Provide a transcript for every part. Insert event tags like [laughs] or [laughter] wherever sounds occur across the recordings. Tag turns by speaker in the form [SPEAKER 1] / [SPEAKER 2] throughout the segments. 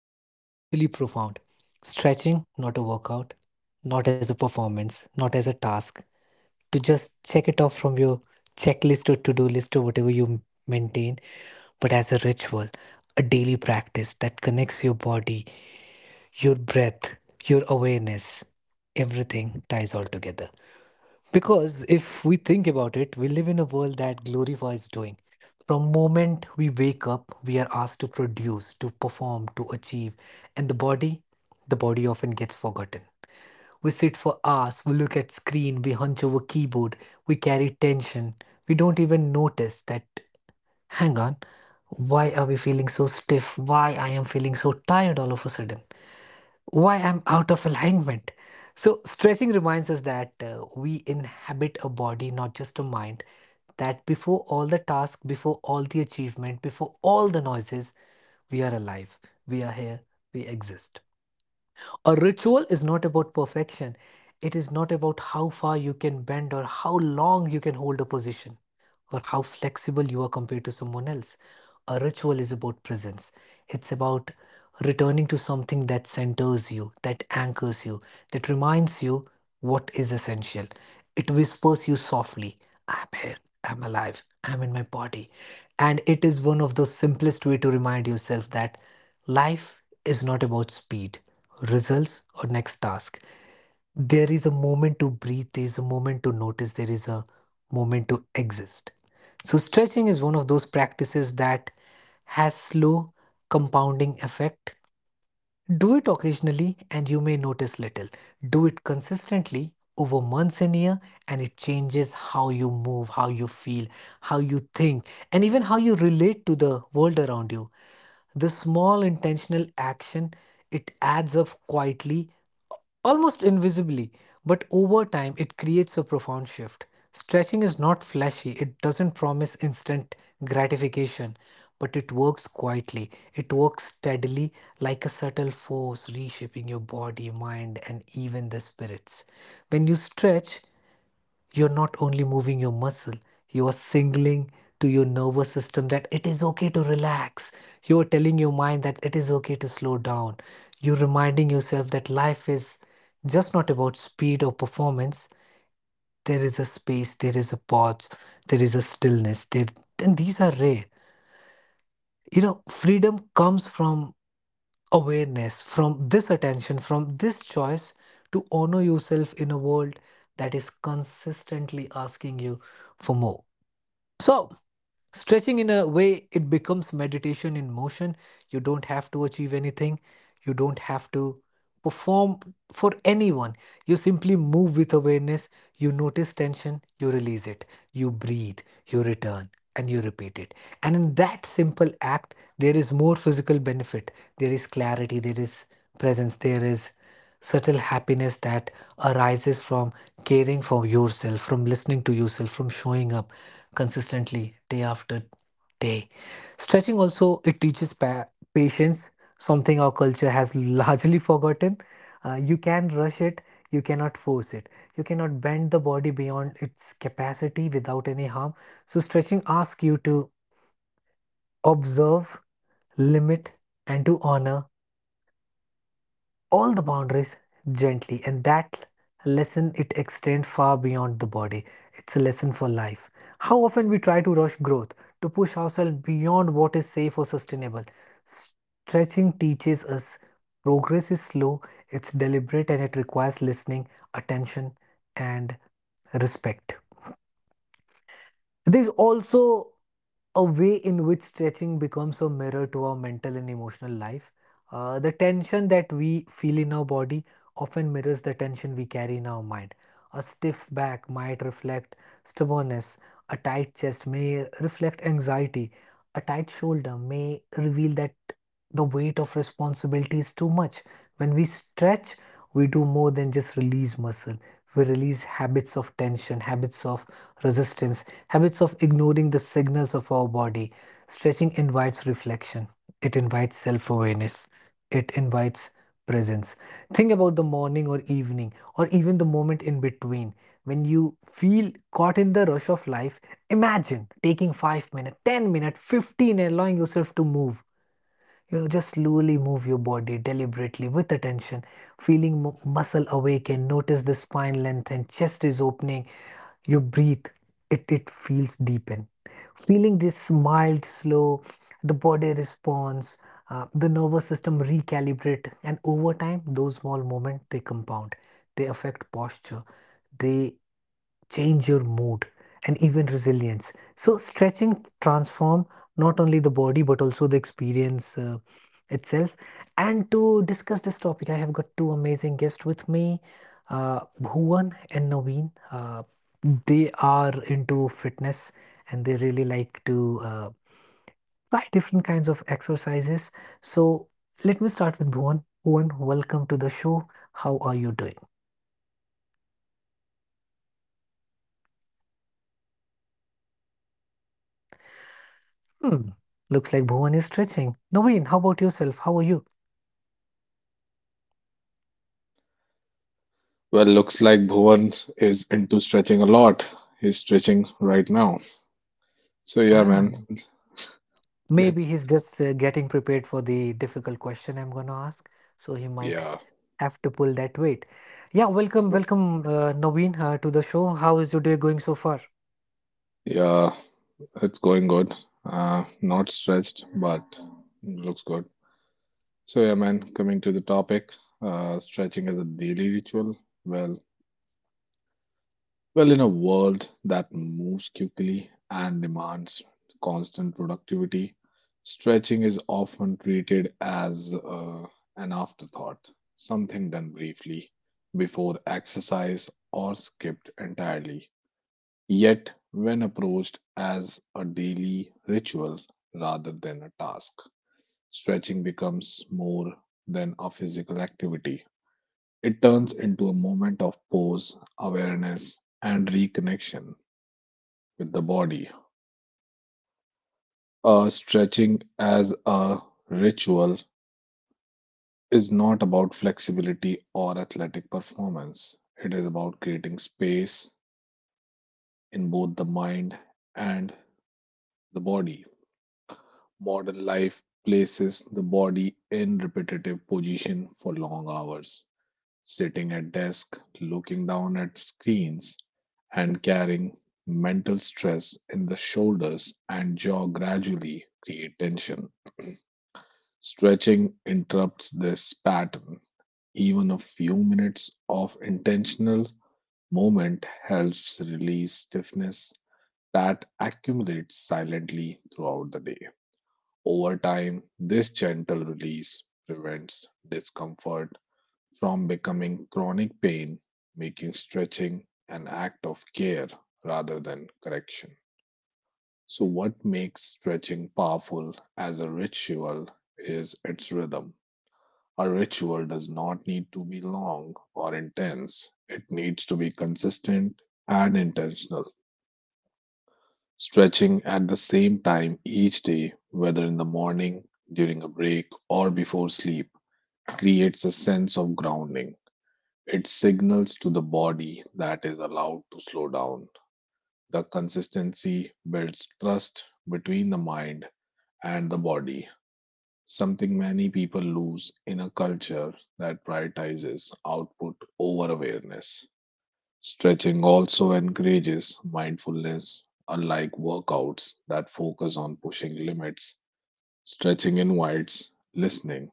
[SPEAKER 1] it is actually profound. Stretching, not a workout, not as a performance, not as a task, to just check it off from your checklist or to do list or whatever you maintain, but as a ritual, a daily practice that connects your body, your breath, your awareness, everything ties all together. Because if we think about it, we live in a world that glorifies doing. From moment we wake up, we are asked to produce, to perform, to achieve, and the body often gets forgotten. We sit for hours, we look at screen, we hunch over keyboard, we carry tension. We don't even notice that hang on, why are we feeling so stiff? Why I am feeling so tired all of a sudden? Why I'm out of alignment. So, stressing reminds us that we inhabit a body, not just a mind. That before all the task, before all the achievement, before all the noises, we are alive, we are here, we exist. A ritual is not about perfection, it is not about how far you can bend or how long you can hold a position or how flexible you are compared to someone else. A ritual is about presence, it's about returning to something that centers you, that anchors you, that reminds you what is essential. It whispers you softly, I'm here, I'm alive, I'm in my body. And it is one of the simplest way to remind yourself that life is not about speed, results or next task. There is a moment to breathe, there is a moment to notice, there is a moment to exist. So stretching is one of those practices that has slow compounding effect. Do it occasionally and you may notice little. Do it consistently over months and year and it changes how you move, how you feel, how you think and even how you relate to the world around you. This small intentional action, it adds up quietly, almost invisibly, but over time it creates a profound shift. Stretching is not flashy, it doesn't promise instant gratification, but it works quietly. It works steadily like a subtle force reshaping your body, mind, and even the spirits. When you stretch, you're not only moving your muscle, you are signaling to your nervous system that it is okay to relax. You are telling your mind that it is okay to slow down. You're reminding yourself that life is just not about speed or performance. There is a space, there is a pause, there is a stillness. There, and these are rare. You know, freedom comes from awareness, from this attention, from this choice to honor yourself in a world that is consistently asking you for more. So, stretching in a way, it becomes meditation in motion. You don't have to achieve anything, you don't have to perform for anyone. You simply move with awareness, you notice tension, you release it, you breathe, you return. And you repeat it. And in that simple act, there is more physical benefit. There is clarity, there is presence, there is subtle happiness that arises from caring for yourself, from listening to yourself, from showing up consistently day after day. Stretching also it teaches patience, something our culture has largely forgotten. You can rush it, you cannot force it. You cannot bend the body beyond its capacity without any harm. So stretching asks you to observe, limit, and to honor all the boundaries gently, and that lesson it extends far beyond the body. It's a lesson for life. How often we try to rush growth, to push ourselves beyond what is safe or sustainable. Stretching teaches us progress is slow, it's deliberate and it requires listening, attention, and respect. There's also a way in which stretching becomes a mirror to our mental and emotional life. The tension that we feel in our body often mirrors the tension we carry in our mind. A stiff back might reflect stubbornness, a tight chest may reflect anxiety, a tight shoulder may reveal that the weight of responsibility is too much. When we stretch, we do more than just release muscle, we release habits of tension, habits of resistance, habits of ignoring the signals of our body. Stretching invites reflection, it invites self awareness, it invites presence. Think about the morning or evening, or even the moment in between when you feel caught in the rush of life. Imagine taking 5 minutes, 10 minutes, 15, and allowing yourself to move, you know, just slowly move your body deliberately with attention, feeling muscle awaken. Notice the spine length and chest is opening. You breathe, it feels deepen. Feeling this mild, slow, the body responds, the nervous system recalibrate, and over time, those small moments they compound. They affect posture. They change your mood and even resilience. So stretching transform not only the body but also the experience itself. And to discuss this topic I have got two amazing guests with me, Bhuvan and Naveen. They are into fitness and they really like to uh, try different kinds of exercises. So let me start with Bhuvan. Bhuvan, welcome to the show. How are you doing? Hmm. Looks like Bhuvan is stretching. Naveen, how about yourself? How are you?
[SPEAKER 2] Well, looks like Bhuvan is into stretching a lot. He's stretching right now. So yeah,
[SPEAKER 1] Ah,
[SPEAKER 2] man.
[SPEAKER 1] maybe
[SPEAKER 2] Let's
[SPEAKER 1] he's just getting prepared for the difficult question I'm going to ask. So he might
[SPEAKER 2] yeah.
[SPEAKER 1] have to pull that weight. Yeah, welcome,
[SPEAKER 2] let's-
[SPEAKER 1] welcome, Naveen, to the show. How is your day going so far?
[SPEAKER 2] yeah, it's going good. Not stretched, but looks good. So yeah, man, coming to the topic, stretching as a daily ritual. Well, Well, in a world that moves quickly and demands constant productivity, stretching is often treated as an afterthought, something done briefly before exercise or skipped entirely. Yet, when approached as a daily ritual rather than a task, stretching becomes more than a physical activity. It turns into a moment of pause, awareness, and reconnection with the body. Stretching as a ritual is not about flexibility or athletic performance. It is about creating space in both the mind and the body. Modern life places the body in repetitive position for long hours, sitting at desk, looking down at screens, and carrying mental stress in the shoulders and jaw gradually create tension. Stretching interrupts this pattern. Even a few minutes of intentional movement helps release stiffness that accumulates silently throughout the day. Over time, this gentle release prevents discomfort from becoming chronic pain, making stretching an act of care rather than correction. So, what makes stretching powerful as a ritual is its rhythm. A ritual does not need to be long or intense. It needs to be consistent and intentional, stretching at the same time each day, whether in the morning, during a break, or before sleep, creates a sense of grounding. It signals to the body that is allowed to slow down. The consistency builds trust between the mind and the body, something many people lose in a culture that prioritizes output over awareness. Stretching also encourages mindfulness, unlike workouts that focus on pushing limits. Stretching invites listening.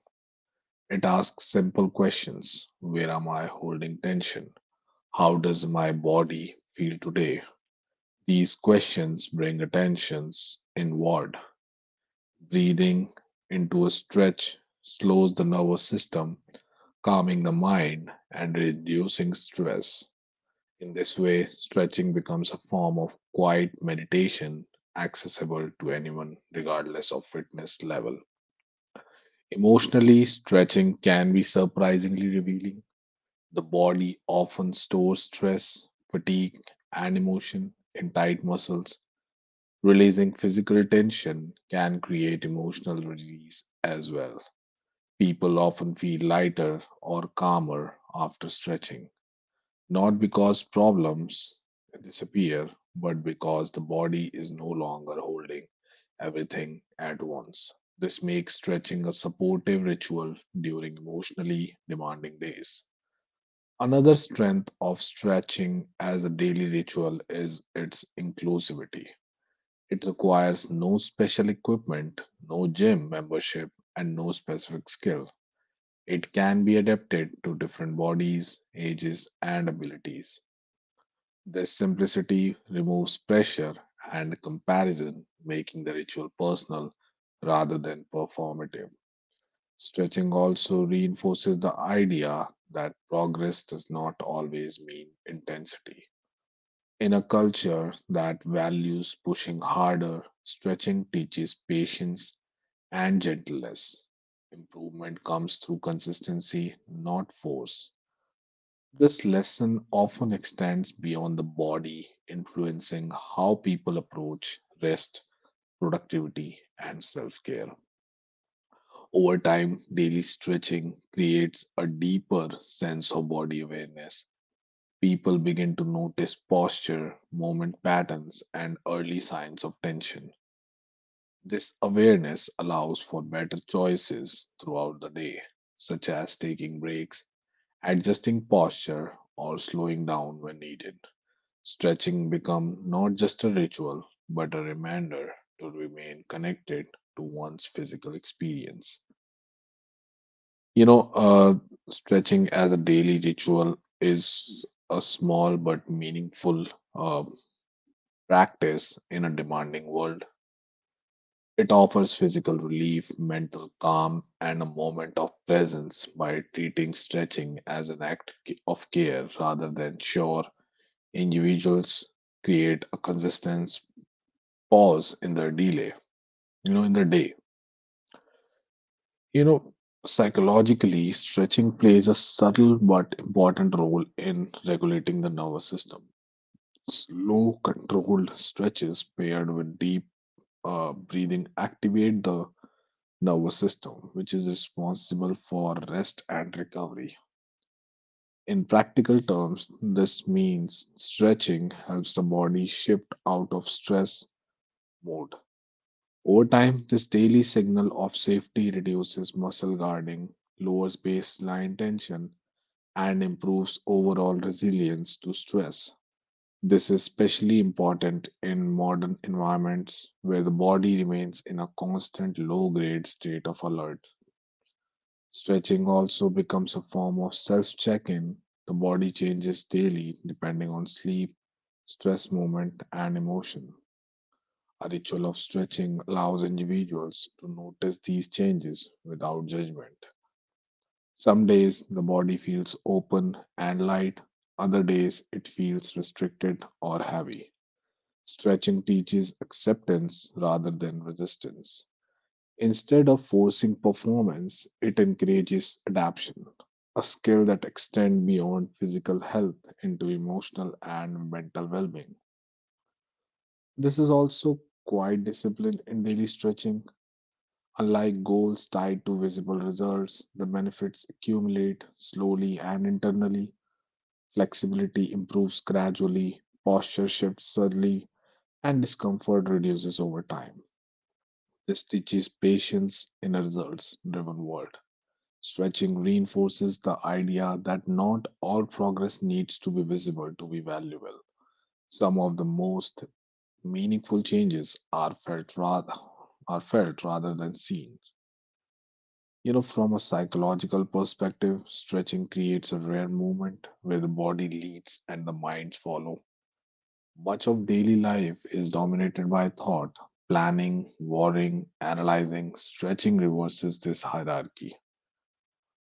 [SPEAKER 2] It asks simple questions. Where am I holding tension? How does my body feel today? These questions bring attentions inward. Breathing into a stretch slows the nervous system, calming the mind and reducing stress. In this way, stretching becomes a form of quiet meditation accessible to anyone, regardless of fitness level. Emotionally, stretching can be surprisingly revealing. The body often stores stress, fatigue, and emotion in tight muscles. Releasing physical tension can create emotional release as well. People often feel lighter or calmer after stretching, not because problems disappear, but because the body is no longer holding everything at once. This makes stretching a supportive ritual during emotionally demanding days. Another strength of stretching as a daily ritual is its inclusivity. It requires no special equipment, no gym membership, and no specific skill. It can be adapted to different bodies, ages, and abilities. This simplicity removes pressure and comparison, making the ritual personal rather than performative. Stretching also reinforces the idea that progress does not always mean intensity. In a culture that values pushing harder, stretching teaches patience and gentleness. Improvement comes through consistency, not force. This lesson often extends beyond the body, influencing how people approach rest, productivity, and self care. Over time, daily stretching creates a deeper sense of body awareness. People begin to notice posture, movement patterns, and early signs of tension. This awareness allows for better choices throughout the day, such as taking breaks, adjusting posture, or slowing down when needed. Stretching become not just a ritual, but a reminder to remain connected to one's physical experience. You know, stretching as a daily ritual is a small but meaningful uh, practice in a demanding world. It offers physical relief, mental calm, and a moment of presence by treating stretching as an act of care rather than chore. Individuals create a consistent pause in the delay, in the day. You know, Psychologically, stretching plays a subtle but important role in regulating the nervous system. Slow, controlled stretches paired with deep breathing activate the nervous system, which is responsible for rest and recovery. In practical terms, this means stretching helps the body shift out of stress mode. Over time, this daily signal of safety reduces muscle guarding, lowers baseline tension, and improves overall resilience to stress. This is especially important in modern environments where the body remains in a constant low grade state of alert. Stretching also becomes a form of self check in. The body changes daily depending on sleep, stress movement, and emotion. A ritual of stretching allows individuals to notice these changes without judgment. Some days the body feels open and light, other days it feels restricted or heavy. Stretching teaches acceptance rather than resistance. Instead of forcing performance, it encourages adaptation, a skill that extends beyond physical health into emotional and mental well being. This is also quite discipline in daily stretching. Unlike goals tied to visible results, the benefits accumulate slowly and internally. Flexibility improves gradually, posture shifts subtly, and discomfort reduces over time. This teaches patience in a results driven world. Stretching reinforces the idea that not all progress needs to be visible to be valuable. Some of the most meaningful changes are felt rather than seen. From a psychological perspective, stretching creates a rare movement where the body leads and the minds follow. Much of daily life is dominated by thought, planning, worrying, analyzing. Stretching reverses this hierarchy.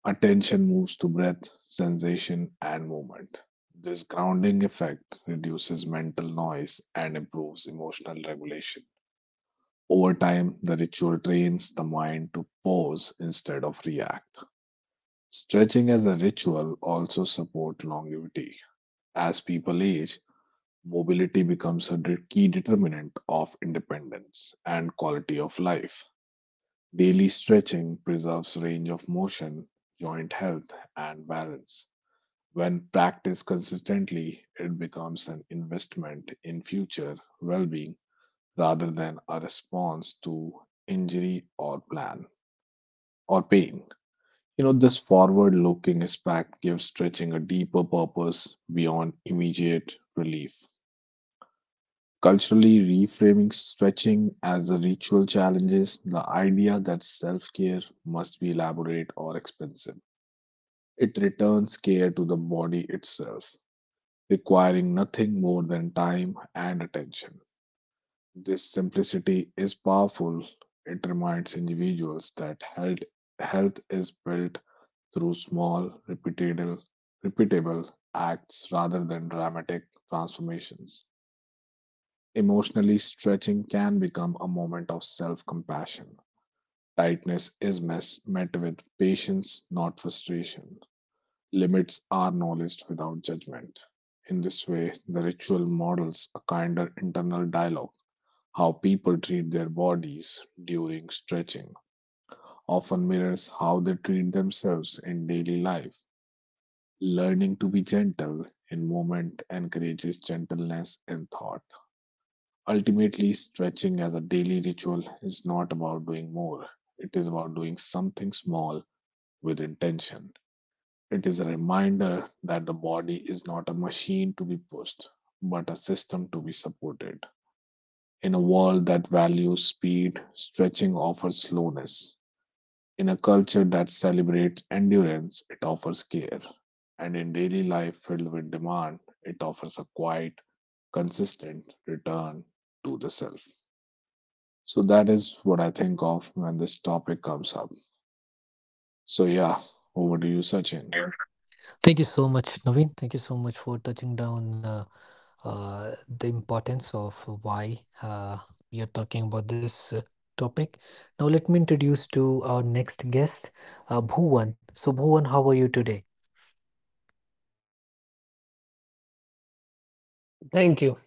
[SPEAKER 2] Attention moves to breath, sensation, and movement. This grounding effect reduces mental noise and improves emotional regulation. Over time, the ritual trains the mind to pause instead of react. Stretching as a ritual also support longevity. As people age, mobility becomes a key determinant of independence and quality of life. Daily stretching preserves range of motion, joint health, and balance. When practiced consistently, it becomes an investment in future well-being rather than a response to injury or pain. This forward looking aspect gives stretching a deeper purpose beyond immediate relief. Culturally, reframing stretching as a ritual challenges the idea that self care must be elaborate or expensive. It returns care to the body itself, requiring nothing more than time and attention. This simplicity is powerful. It reminds individuals that health is built through small, repeatable acts rather than dramatic transformations. Emotionally, stretching can become a moment of self compassion. Tightness is met with patience, not frustration. Limits are acknowledged without judgment. In this way, the ritual models a kinder internal dialogue. How people treat their bodies during stretching often mirrors how they treat themselves in daily life. Learning to be gentle in movement encourages gentleness in thought. Ultimately, stretching as a daily ritual is not about doing more, it is about doing something small with intention. It is a reminder that the body is not a machine to be pushed, but a system to be supported. In a world that values speed, stretching offers slowness; in a culture that celebrates endurance, it offers care. And in daily life filled with demand, it offers a quiet, consistent return to the self. So that is what I think of when this topic comes up. So, yeah, over to you, Sachin.
[SPEAKER 1] Thank you so much, Naveen. Thank you so much for touching down uh, the importance of why we are talking about this topic. Now, let me introduce to our next guest, Bhuvan. So, Bhuvan, how are you today?
[SPEAKER 3] Thank you.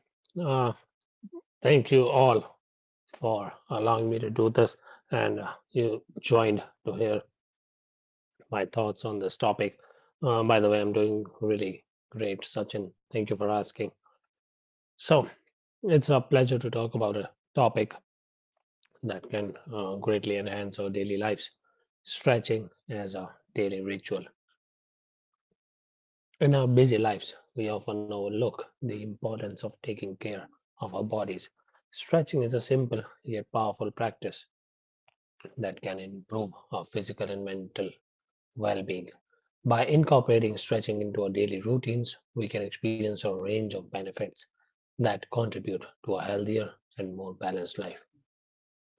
[SPEAKER 3] Uh, Thank you all for allowing me to do this and you joined to hear my thoughts on this topic. By the way, I'm doing really great, Sachin. Thank you for asking. So, it's a pleasure to talk about a topic that can greatly enhance our daily lives stretching as a daily ritual. In our busy lives, we often overlook the importance of taking care of our bodies. Stretching is a simple yet powerful practice that can improve our physical and mental well being. By incorporating stretching into our daily routines, we can experience a range of benefits that contribute to a healthier and more balanced life.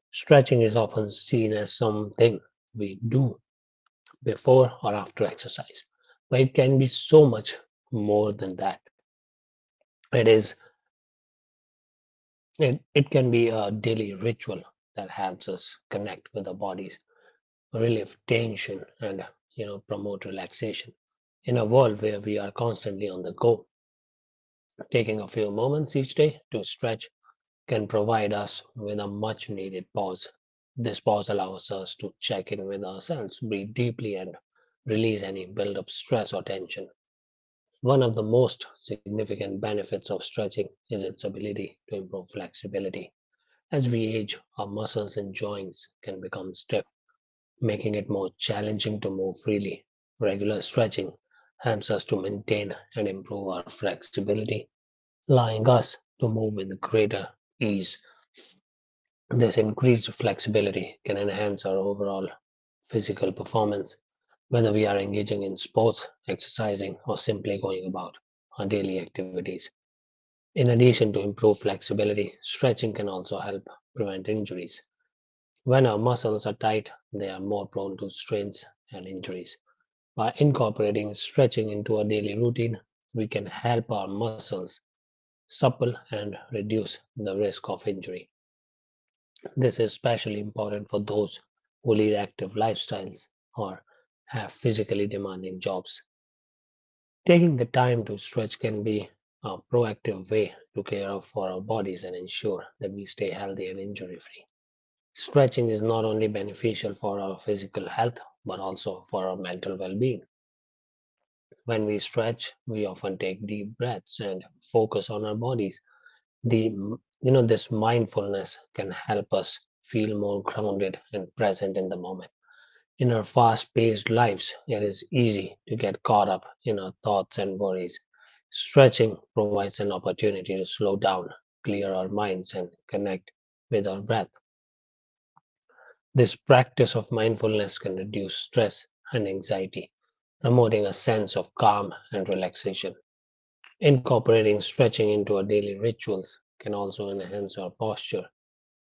[SPEAKER 3] Stretching is often seen as something we do before or after exercise, but it can be so much more than that. It is it can be a daily ritual that helps us connect with our bodies, relieve tension, and promote relaxation. In a world where we are constantly on the go, taking a few moments each day to stretch can provide us with a much needed pause. This pause allows us to check in with ourselves, breathe deeply, and release any build-up stress or tension. One of the most significant benefits of stretching is its ability to improve flexibility. As we age, our muscles and joints can become stiff, making it more challenging to move freely. Regular stretching helps us to maintain and improve our flexibility, allowing us to move with greater ease. This increased flexibility can enhance our overall physical performance, whether we are engaging in sports, exercising, or simply going about our daily activities. In addition to improved flexibility, stretching can also help prevent injuries. When our muscles are tight, they are more prone to strains and injuries. By incorporating stretching into our daily routine, we can help our muscles supple and reduce the risk of injury. This is especially important for those who lead active lifestyles or have physically demanding jobs. Taking the time to stretch can be a proactive way to care for our bodies and ensure that we stay healthy and injury free. Stretching is not only beneficial for our physical health but also for our mental well being. When we stretch, we often take deep breaths and focus on our bodies. The you know This mindfulness can help us feel more grounded and present in the moment. In our fast-paced lives, it is easy to get caught up in our thoughts and worries. Stretching provides an opportunity to slow down, clear our minds, and connect with our breath. This practice of mindfulness can reduce stress and anxiety, promoting a sense of calm and relaxation. Incorporating stretching into our daily rituals can also enhance our posture.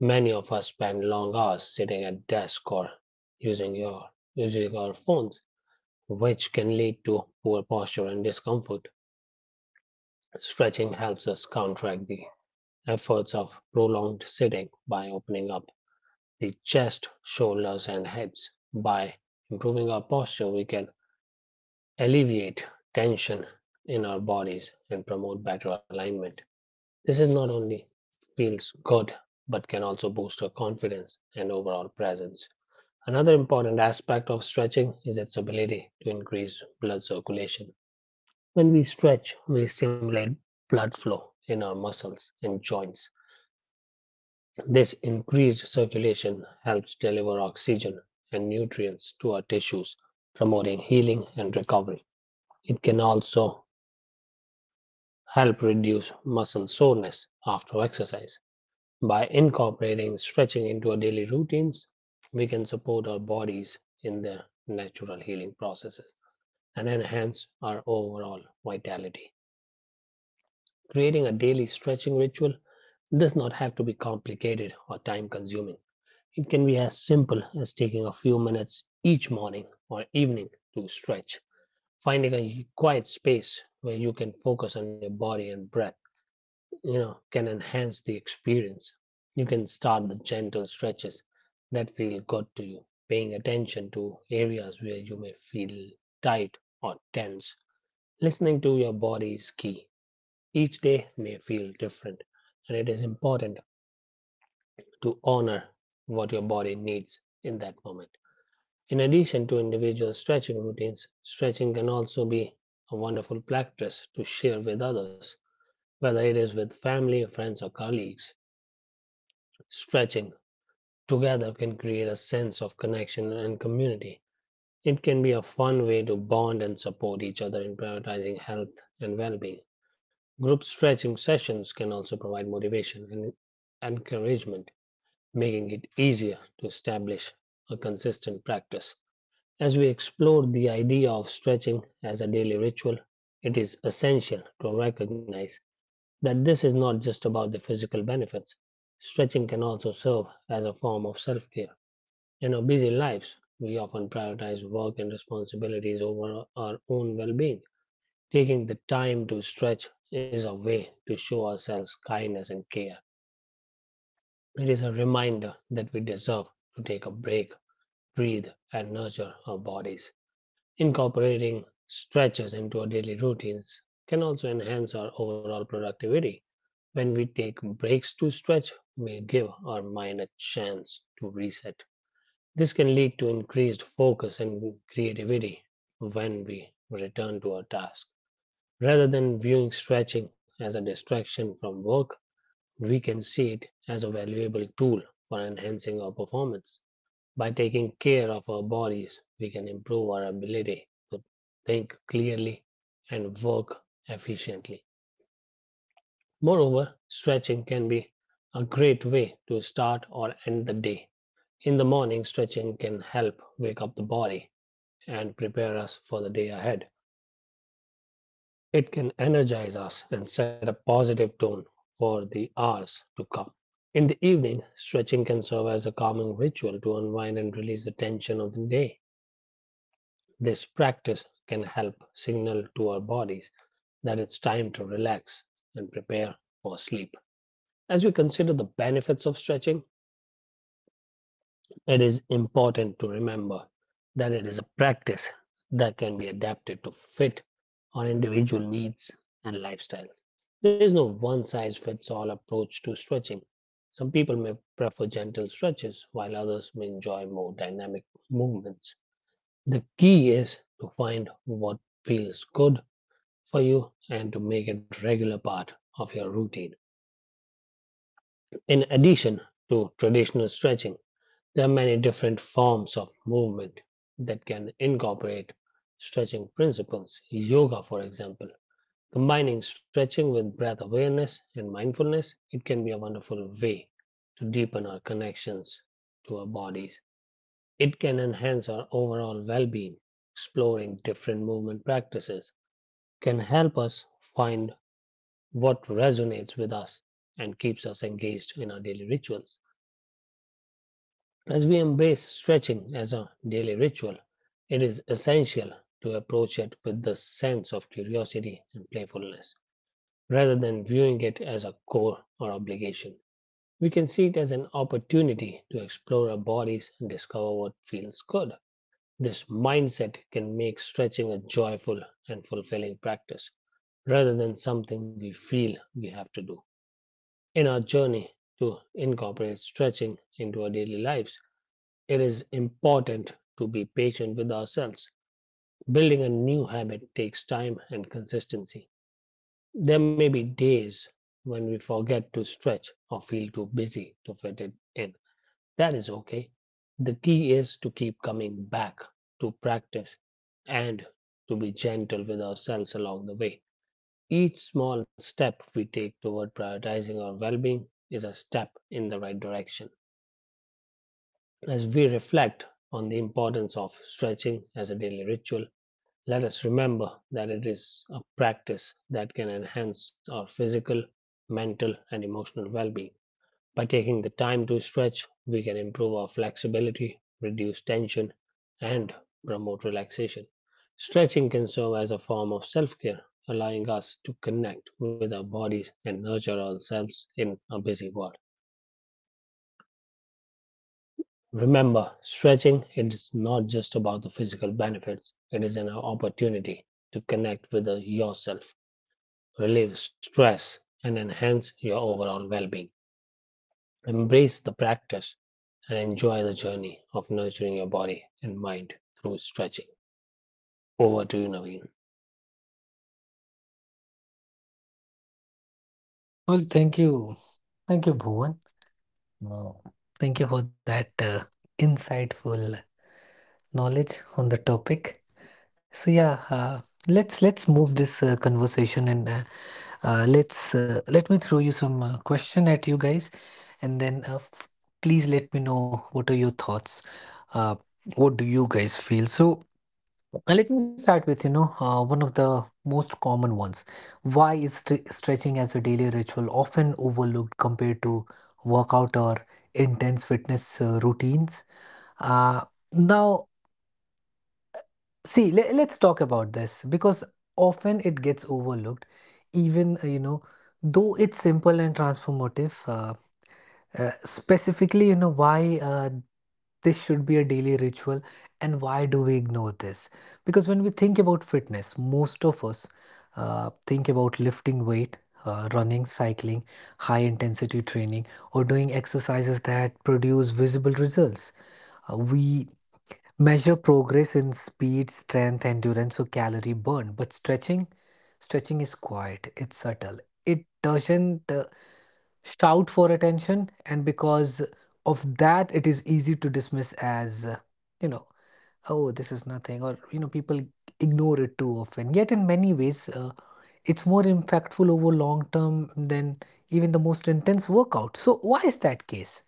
[SPEAKER 3] Many of us spend long hours sitting at desk or using your using our phones, which can lead to poor posture and discomfort. Stretching helps us counteract the efforts of prolonged sitting by opening up the chest, shoulders, and heads. By improving our posture, we can alleviate tension in our bodies and promote better alignment. This is not only feels good but can also boost your confidence and overall presence. Another important aspect of stretching is its ability to increase blood circulation. When we stretch, we stimulate blood flow in our muscles and joints. This increased circulation helps deliver oxygen and nutrients to our tissues, promoting healing and recovery. It can also help reduce muscle soreness after exercise. By incorporating stretching into our daily routines, we can support our bodies in their natural healing processes and enhance our overall vitality. Creating a daily stretching ritual does not have to be complicated or time consuming. It can be as simple as taking a few minutes each morning or evening to stretch. Finding a quiet space where you can focus on your body and breath can enhance the experience. You can start with gentle stretches that feel good to you, paying attention to areas where you may feel tight or tense. Listening to your body is key. Each day may feel different, and it is important to honor what your body needs in that moment. In addition to individual stretching routines, stretching can also be a wonderful practice to share with others, whether it is with family, friends, or colleagues. Stretching together can create a sense of connection and community. It can be a fun way to bond and support each other in prioritizing health and well being. Group stretching sessions can also provide motivation and encouragement, making it easier to establish a consistent practice. As we explore the idea of stretching as a daily ritual, it is essential to recognize that this is not just about the physical benefits. Stretching can also serve as a form of self care. In our busy lives, we often prioritize work and responsibilities over our own well being. Taking the time to stretch is a way to show ourselves kindness and care. It is a reminder that we deserve to take a break, breathe, and nurture our bodies. Incorporating stretches into our daily routines can also enhance our overall productivity. When we take breaks to stretch, we give our mind a chance to reset. This can lead to increased focus and creativity when we return to our task. Rather than viewing stretching as a distraction from work, we can see it as a valuable tool for enhancing our performance. By taking care of our bodies, we can improve our ability to think clearly and work efficiently. Moreover, stretching can be a great way to start or end the day. In the morning, stretching can help wake up the body and prepare us for the day ahead. It can energize us and set a positive tone for the hours to come. In the evening, stretching can serve as a calming ritual to unwind and release the tension of the day. This practice can help signal to our bodies that it's time to relax and prepare for sleep. As we consider the benefits of stretching, it is important to remember that it is a practice that can be adapted to fit our individual needs and lifestyles. There is no one size fits all approach to stretching. Some people may prefer gentle stretches, while others may enjoy more dynamic movements. The key is to find what feels good for you and to make it a regular part of your routine. In addition to traditional stretching, there are many different forms of movement that can incorporate stretching principles. Yoga, for example, combining stretching with breath awareness and mindfulness, it can be a wonderful way to deepen our connections to our bodies. It can enhance our overall well being. Exploring different movement practices can help us find what resonates with us and keeps us engaged in our daily rituals. As we embrace stretching as a daily ritual, it is essential to approach it with the sense of curiosity and playfulness. Rather than viewing it as a chore or obligation, we can see it as an opportunity to explore our bodies and discover what feels good. This mindset can make stretching a joyful and fulfilling practice rather than something we feel we have to do. In our journey to incorporate stretching into our daily lives, it is important to be patient with ourselves. Building a new habit takes time and consistency. There may be days when we forget to stretch or feel too busy to fit it in. That is okay. The key is to keep coming back to practice and to be gentle with ourselves along the way. Each small step we take toward prioritizing our well being is a step in the right direction. As we reflect on the importance of stretching as a daily ritual, let us remember that it is a practice that can enhance our physical, mental, and emotional well being. By taking the time to stretch, we can improve our flexibility, reduce tension, and promote relaxation. Stretching can serve as a form of self care, allowing us to connect with our bodies and nurture ourselves in a busy world. Remember, stretching is not just about the physical benefits, it is an opportunity to connect with yourself, relieve stress, and enhance your overall well being. Embrace the practice and enjoy the journey of nurturing your body and mind through stretching. Over to you, Naveen.
[SPEAKER 1] Well, thank you. Thank you, Bhuvan. Wow. Thank you for that insightful knowledge on the topic. So yeah, let's move this conversation and let's let me throw you some question at you guys, and then please let me know what are your thoughts. Uh, what do you guys feel? So let me start with, you know, one of the most common ones. Why is stretching as a daily ritual often overlooked compared to workout or intense fitness routines? Uh, Now, see, let's talk about this because often it gets overlooked, even, you know, though it's simple and transformative. Specifically, you know, why this should be a daily ritual, and why do we ignore this? Because when we think about fitness, most of us think about lifting weight, running, cycling, high intensity training, or doing exercises that produce visible results. We measure progress in speed, strength, endurance, or calorie burn. But stretching is quiet. It's subtle. It doesn't shout for attention, and because of that, it is easy to dismiss as, you know, oh, this is nothing, or you know, people ignore it too often. Yet, in many ways, it's more impactful over long term than even the most intense workout. So, why is that case?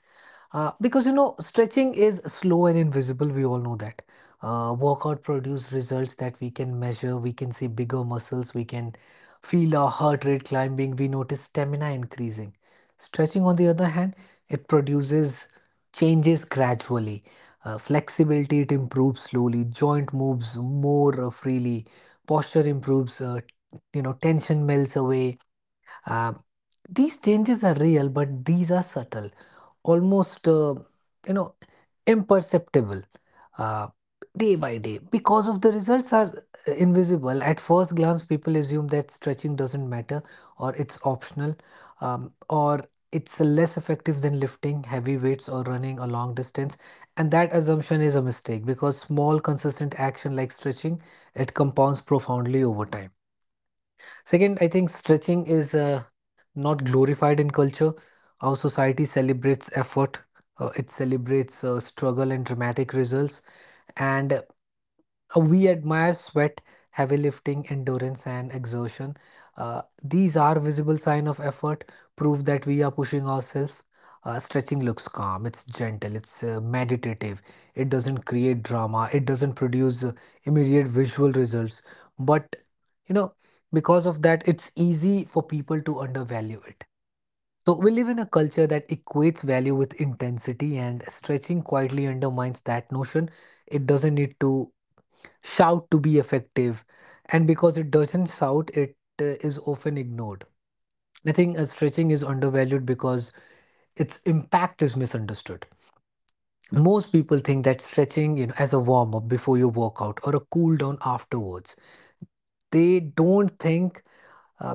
[SPEAKER 1] Because you know, stretching is slow and invisible, we all know that. Workout produce results that we can measure, we can see bigger muscles, we can feel our heart rate climbing, we notice stamina increasing. Stretching, on the other hand, it produces changes gradually. Flexibility, it improves slowly, joint moves more freely, posture improves, you know, tension melts away. uh, these changes are real but these are subtle, almost you know, imperceptible uh, day by day. Because of the results are invisible at first glance, people assume that stretching doesn't matter or it's optional, or it's less effective than lifting heavy weights or running a long distance. And that assumption is a mistake because small consistent action like stretching, it compounds profoundly over time. Second, I think stretching is not glorified in culture. Our society celebrates effort, it celebrates struggle and dramatic results. And We admire sweat, heavy lifting, endurance, and exertion. These are visible sign of effort, proof that we are pushing ourselves. Stretching looks calm, it's gentle, it's meditative, it doesn't create drama, it doesn't produce immediate visual results. But, you know, because of that, it's easy for people to undervalue it. So, we live in a culture that equates value with intensity, and stretching quietly undermines that notion. It doesn't need to shout to be effective, and because it doesn't shout, it is often ignored. I think stretching is undervalued because its impact is misunderstood. Most people think that stretching as a warm up before your workout or a cool down afterwards. They don't think uh,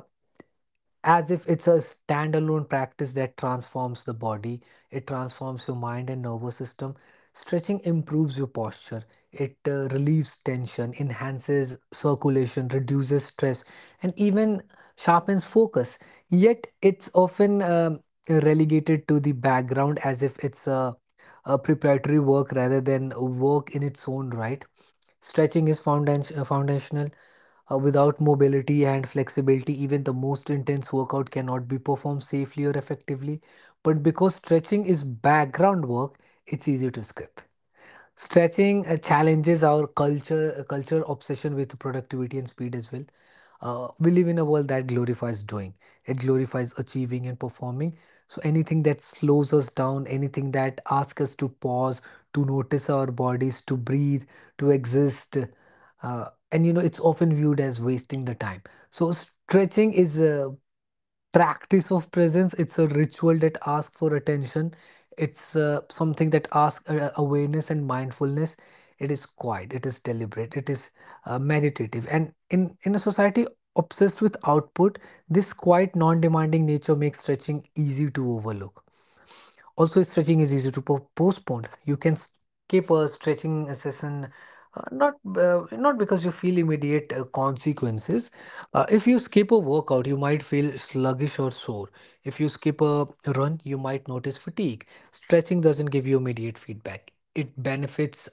[SPEAKER 1] as if it's a standalone practice that transforms the body. It transforms your mind and nervous system. Stretching improves your posture, it relieves tension, enhances circulation, reduces stress, and even sharpens focus, yet it's often relegated to the background as if it's a preparatory work rather than a work in its own right. Stretching is foundational. Without mobility and flexibility, even the most intense workout cannot be performed safely or effectively. But because stretching is background work, it's easy to skip. Stretching challenges our culture obsession with productivity and speed as well. We live in a world that glorifies doing. It glorifies achieving and performing. So anything that slows us down, anything that asks us to pause, to notice our bodies, to breathe, to exist, and it's often viewed as wasting the time. So stretching is practice of presence. It's a ritual that asks for attention. It's something that asks awareness and mindfulness. It is quiet, it is deliberate, it is meditative, and in a society obsessed with output, this quiet non-demanding nature makes stretching easy to overlook. Also, stretching is easy to postpone. You can skip a stretching session, not because you feel immediate consequences. If you skip a workout, you might feel sluggish or sore. If you skip a run, you might notice fatigue. Stretching doesn't give you immediate feedback. It benefits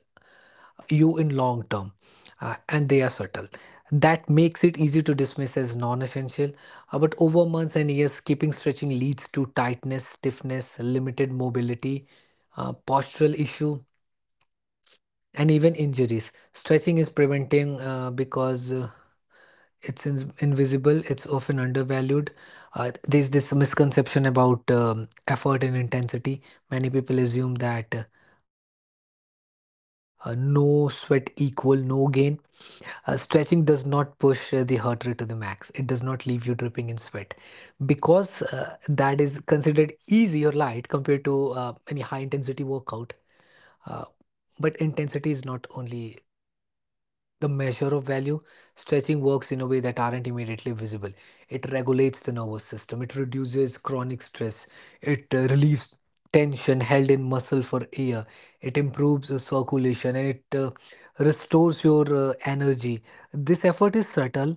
[SPEAKER 1] you in long term, and they are subtle. That makes it easy to dismiss as non-essential. But over months and years, skipping stretching leads to tightness, stiffness, limited mobility, postural issue, and even injuries. Stretching is preventing, because it's invisible, it's often undervalued. There's this misconception about effort and intensity. Many people assume that no sweat equal no gain. Stretching does not push the heart rate to the max. It does not leave you dripping in sweat because that is considered easy or light compared to any high intensity workout. Uh, but intensity is not only the measure of value. Stretching works in a way that aren't immediately visible. It regulates the nervous system, it reduces chronic stress, it relieves tension held in muscle for air, it improves the circulation, and it restores your energy. This effort is subtle,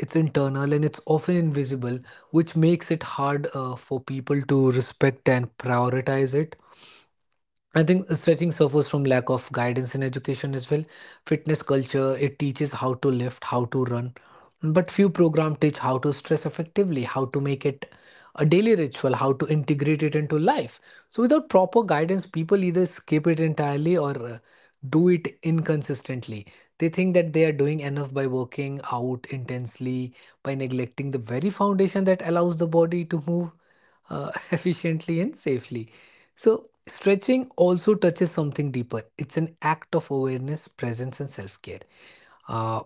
[SPEAKER 1] it's internal, and it's often invisible, which makes it hard for people to respect and prioritize it. I think stretching suffers from lack of guidance in education as well. Fitness culture, it teaches how to lift, how to run, but few programs teach how to stress effectively, how to make it a daily ritual, how to integrate it into life. So without proper guidance, people either skip it entirely or do it inconsistently. They think that they are doing enough by working out intensely, by neglecting the very foundation that allows the body to move [laughs] efficiently and safely. So, stretching also touches something deeper. It's an act of awareness, presence, and self care. Uh,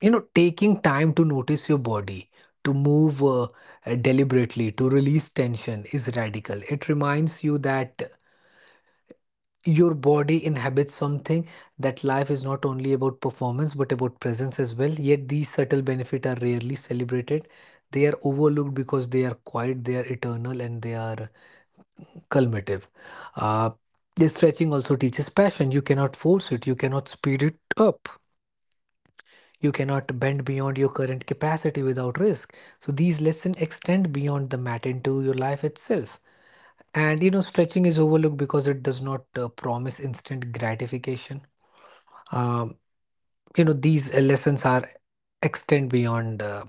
[SPEAKER 1] Taking time to notice your body, to move deliberately, to release tension is radical. It reminds you that your body inhabits something, that life is not only about performance but about presence as well. Yet, these subtle benefits are rarely celebrated. They are overlooked because they are quiet, they are eternal, and they are culminative. Uh, this stretching also teaches passion. You cannot force it, you cannot speed it up, you cannot bend beyond your current capacity without risk. So, these lessons extend beyond the mat into your life itself. And you know, stretching is overlooked because it does not promise instant gratification. Um you know, these lessons are extend beyond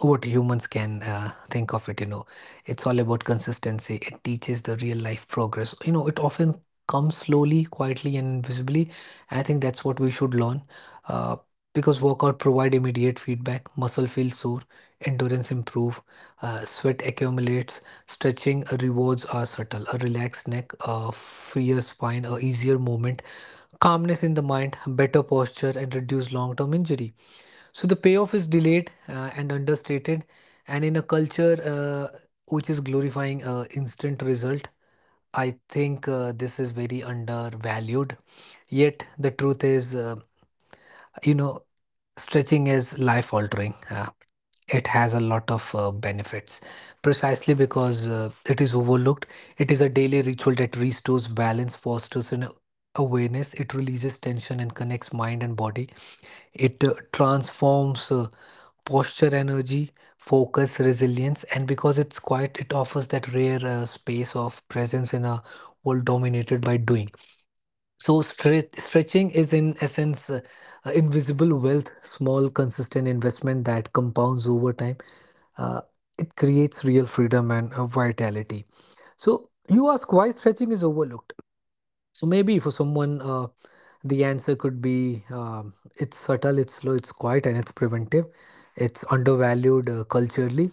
[SPEAKER 1] what humans can think of it. You know, it's all about consistency. It teaches the real life progress. You know, it often comes slowly, quietly, and invisibly. I think that's what we should learn, uh, because workout provide immediate feedback. Muscle feels sore, endurance improve, sweat accumulates. Stretching rewards are subtle: a relaxed neck, a freer spine, a easier movement, calmness in the mind, better posture, and reduce long term injury. So the payoff is delayed and understated. And in a culture which is glorifying instant result, I think this is very undervalued. Yet the truth is, you know, stretching is life altering. It has a lot of benefits precisely because it is overlooked. It is a daily ritual that restores balance, fosters an awareness, it releases tension and connects mind and body. It transforms posture, energy, focus, resilience, and because it's quiet, it offers that rare space of presence in a world dominated by doing. So stretching is in essence invisible wealth, small consistent investment that compounds over time. Uh, it creates real freedom and vitality. So you ask why stretching is overlooked. So maybe for someone, the answer could be it's subtle, it's slow, it's quiet, and it's preventive. It's undervalued culturally.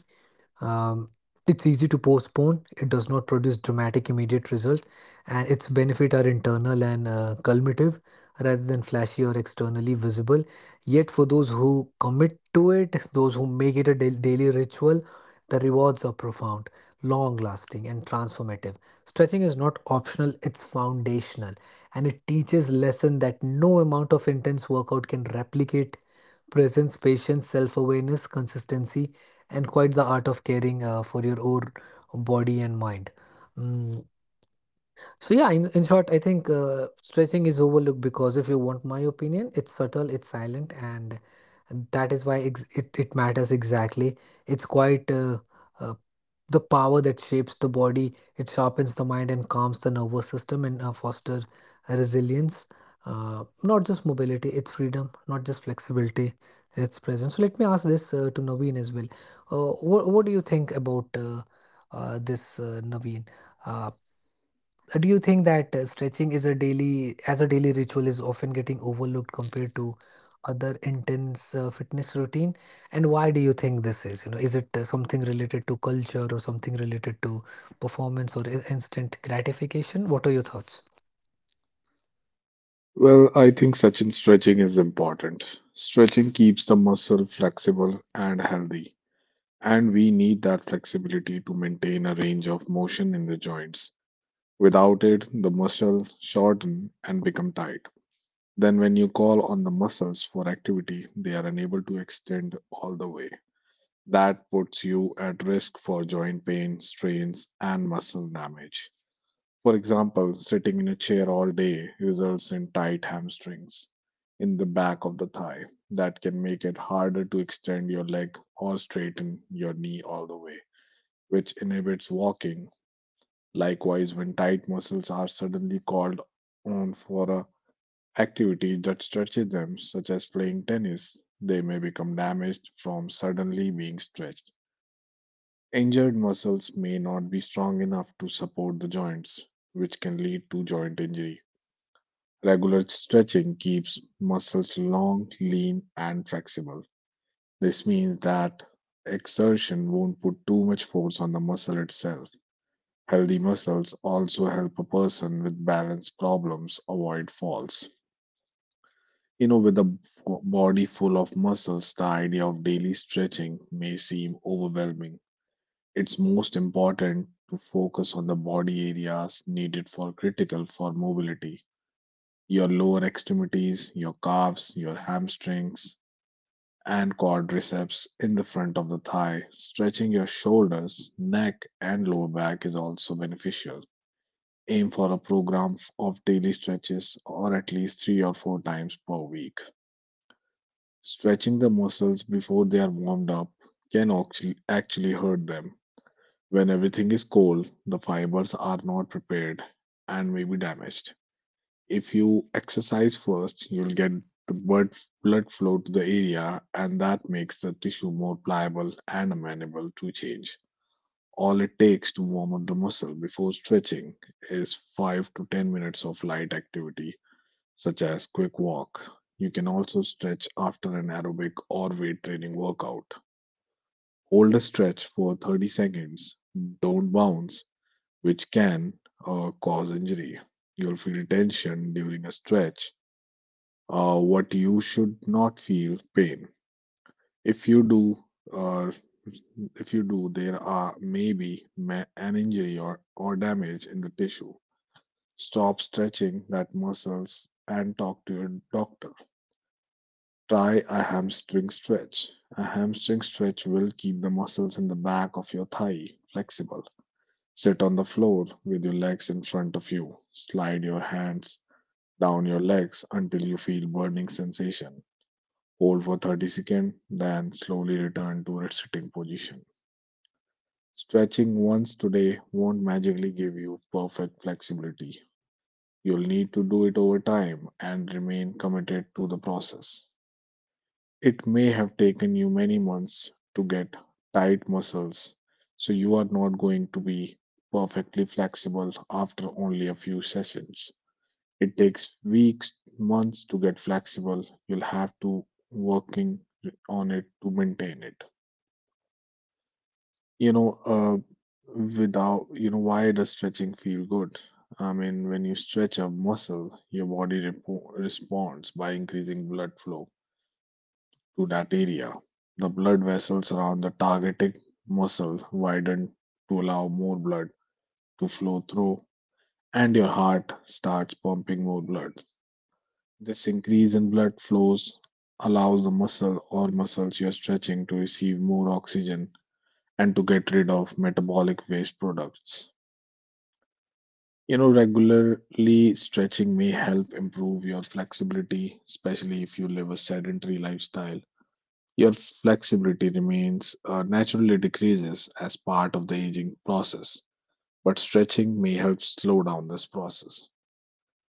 [SPEAKER 1] Um, it's easy to postpone, it does not produce dramatic immediate results, and its benefits are internal and cumulative rather than flashy or externally visible. Yet, for those who commit to it, those who make it a daily ritual, the rewards are profound, long lasting, and transformative. Stretching is not optional, it's foundational, and it teaches lesson that no amount of intense workout can replicate: presence, patience, self awareness, consistency, and quite the art of caring for your own body and mind. Mm, so yeah, in short, I think stretching is overlooked because, if you want my opinion, it's subtle, it's silent, and that is why it matters exactly. It's quite uh, the power that shapes the body. It sharpens the mind and calms the nervous system and foster resilience. Not just mobility, it's freedom; not just flexibility, it's presence. So let me ask this to Naveen as well. What do you think about this, Naveen? Uh, Do you think that stretching as a daily ritual is often getting overlooked compared to other intense fitness routine? And why do you think this is? You know, is it something related to culture or something related to performance or instant gratification? What are your thoughts?
[SPEAKER 2] Well, I think, Sachin, stretching is important. Stretching keeps the muscle flexible and healthy, and we need that flexibility to maintain a range of motion in the joints. Without it, the muscles shorten and become tight. Then, when you call on the muscles for activity, they are unable to extend all the way. That puts you at risk for joint pain, strains, and muscle damage. For example, sitting in a chair all day results in tight hamstrings in the back of the thigh that can make it harder to extend your leg or straighten your knee all the way, which inhibits walking. Likewise, when tight muscles are suddenly called on for a activity that stretches them, such as playing tennis, they may become damaged from suddenly being stretched. Injured muscles may not be strong enough to support the joints, which can lead to joint injury. Regular stretching keeps muscles long, lean, and flexible. This means that exertion won't put too much force on the muscle itself. Healthy muscles also help a person with balance problems avoid falls. You know, with a body full of muscles, the idea of daily stretching may seem overwhelming. It's most important to focus on the body areas needed for critical for mobility. Your lower extremities, your calves, your hamstrings, and quadriceps in the front of the thigh. Stretching your shoulders, neck, and lower back is also beneficial. Aim for a program of daily stretches or at least three or four times per week. Stretching the muscles before they are warmed up can actually hurt them. When everything is cold, the fibers are not prepared and may be damaged. If you exercise first, you'll get the blood flow to the area, and that makes the tissue more pliable and amenable to change. All it takes to warm up the muscle before stretching is 5 to 10 minutes of light activity, such as quick walk. You can also stretch after an aerobic or weight training workout. Hold a stretch for 30 seconds, don't bounce, which can cause injury. You'll feel tension during a stretch. What you should not feel pain. If you do, or if you do, there are maybe an injury or damage in the tissue. Stop stretching that muscles and talk to your doctor. Try a hamstring stretch. A hamstring stretch will keep the muscles in the back of your thigh flexible. Sit on the floor with your legs in front of you. Slide your hands down your legs until you feel burning sensation. Hold for 30 seconds, then slowly return to its sitting position. Stretching once today won't magically give you perfect flexibility. You'll need to do it over time and remain committed to the process. It may have taken you many months to get tight muscles, so you are not going to be perfectly flexible after only a few sessions. It takes weeks, months to get flexible. You'll have to working on it to maintain it. You know, without, you know, Why does stretching feel good? I mean, when you stretch a muscle, your body repo responds by increasing blood flow to that area. The blood vessels around the targeted muscle widen to allow more blood to flow through, and your heart starts pumping more blood. This increase in blood flows allows the muscle or muscles you're stretching to receive more oxygen and to get rid of metabolic waste products. Regularly stretching may help improve your flexibility, especially if you live a sedentary lifestyle. Your flexibility remains naturally decreases as part of the aging process, but stretching may help slow down this process.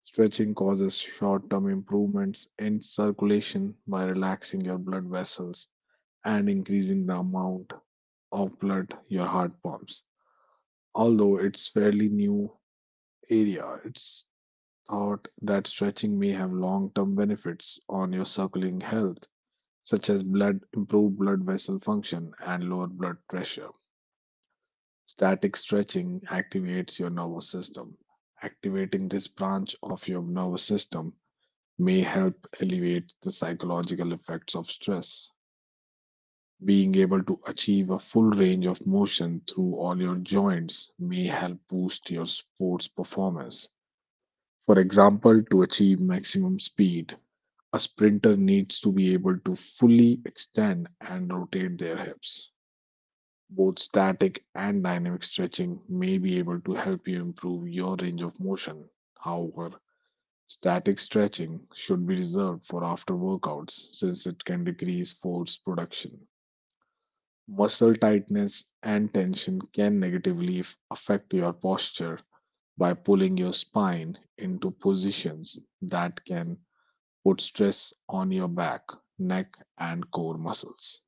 [SPEAKER 2] Stretching causes short term improvements in circulation by relaxing your blood vessels and increasing the amount of blood your heart pumps. Although it's fairly new area, it's thought that stretching may have long term benefits on your circling health, such as blood improved blood vessel function and lower blood pressure. Static stretching activates your nervous system. Activating this branch of your nervous system may help alleviate the psychological effects of stress. Being able to achieve a full range of motion through all your joints may help boost your sports performance. For example, to achieve maximum speed, a sprinter needs to be able to fully extend and rotate their hips. Both static and dynamic stretching may be able to help you improve your range of motion. However, static stretching should be reserved for after workouts since it can decrease force production. Muscle tightness and tension can negatively affect your posture by pulling your spine into positions that can put stress on your back, neck, and core muscles.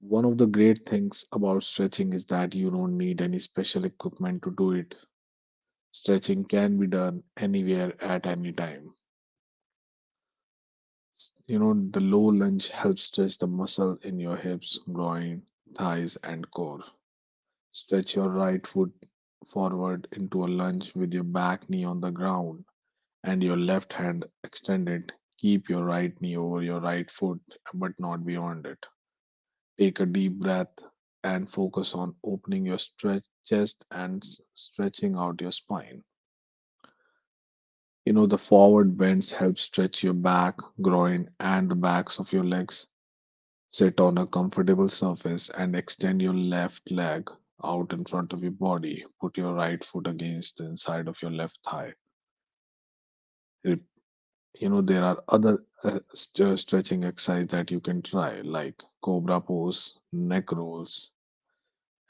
[SPEAKER 2] One of the great things about stretching is that you don't need any special equipment to do it. Stretching can be done anywhere at any time. The low lunge helps stretch the muscle in your hips, groin, thighs, and core. Stretch your right foot forward into a lunge with your back knee on the ground and your left hand extended. Keep your right knee over your right foot, but not beyond it. Take a deep breath and focus on opening your stretch chest and stretching out your spine. The forward bends help stretch your back, groin, and the backs of your legs. Sit on a comfortable surface and extend your left leg out in front of your body. Put your right foot against the inside of your left thigh. Re- there are other stretching exercise that you can try, like cobra pose, neck rolls,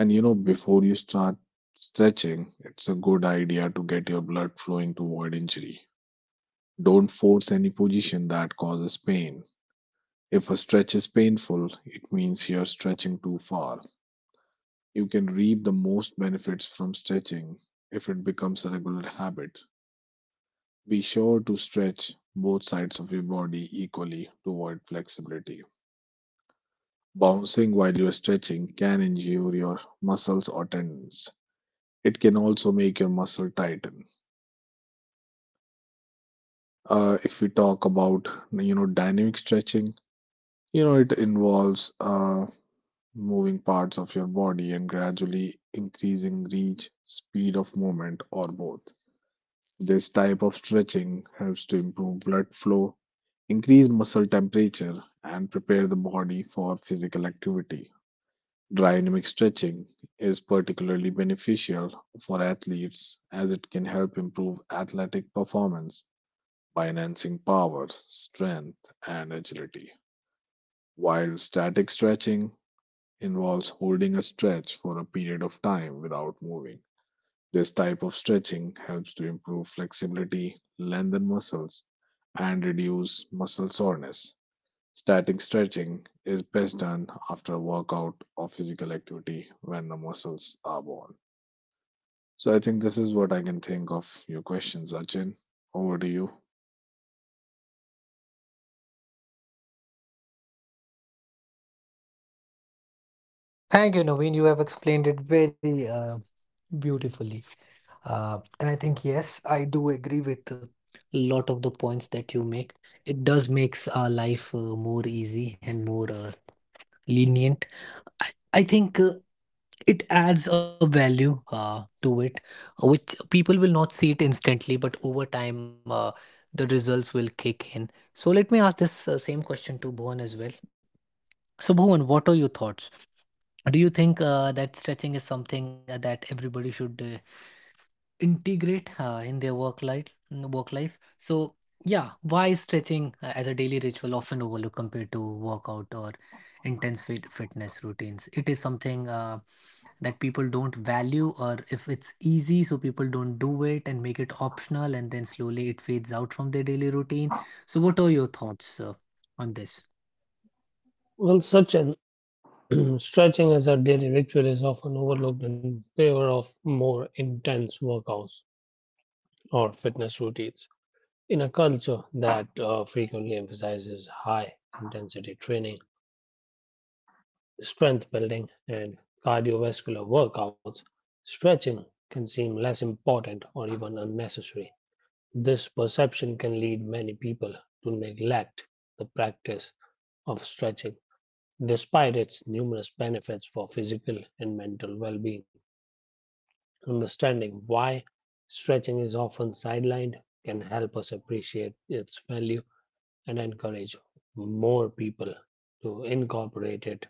[SPEAKER 2] Before you start stretching, it's a good idea to get your blood flowing to avoid injury. Don't force any position that causes pain. If a stretch is painful, it means you're stretching too far. You can reap the most benefits from stretching if it becomes a regular habit. Be sure to stretch both sides of your body equally to avoid flexibility. Bouncing while you're stretching can injure your muscles or tendons. It can also make your muscle tighten. If we talk about dynamic stretching, it involves moving parts of your body and gradually increasing reach speed of movement or both. This type of stretching helps to improve blood flow, increase muscle temperature and prepare the body for physical activity. Dynamic stretching is particularly beneficial for athletes as it can help improve athletic performance by enhancing power, strength, and agility. While static stretching involves holding a stretch for a period of time without moving. This type of stretching helps to improve flexibility, lengthen muscles, and reduce muscle soreness. Static stretching is best done after a workout or physical activity when the muscles are worn. So I think this is what I can think of your questions, Achin. Over to you.
[SPEAKER 1] Thank you, Naveen. You have explained it very beautifully. And I think, yes, I do agree with a lot of the points that you make. It does makes our life more easy and more lenient. I think it adds a value to it, which people will not see it instantly, but over time, the results will kick in. So let me ask this same question to Bhuvan as well. So Bhuvan, what are your thoughts? Do you think that stretching is something that everybody should integrate in their work life so yeah, why is stretching as a daily ritual often overlooked compared to workout or intense fitness routines? It is something that people don't value, or if it's easy so people don't do it and make it optional and then slowly it fades out from their daily routine. So what are your thoughts on this?
[SPEAKER 3] Well, such an [clears throat] stretching as a daily ritual is often overlooked in favor of more intense workouts or fitness routines. In a culture that frequently emphasizes high intensity training, strength building, and cardiovascular workouts, stretching can seem less important or even unnecessary. This perception can lead many people to neglect the practice of stretching, despite its numerous benefits for physical and mental well being. Understanding why stretching is often sidelined can help us appreciate its value and encourage more people to incorporate it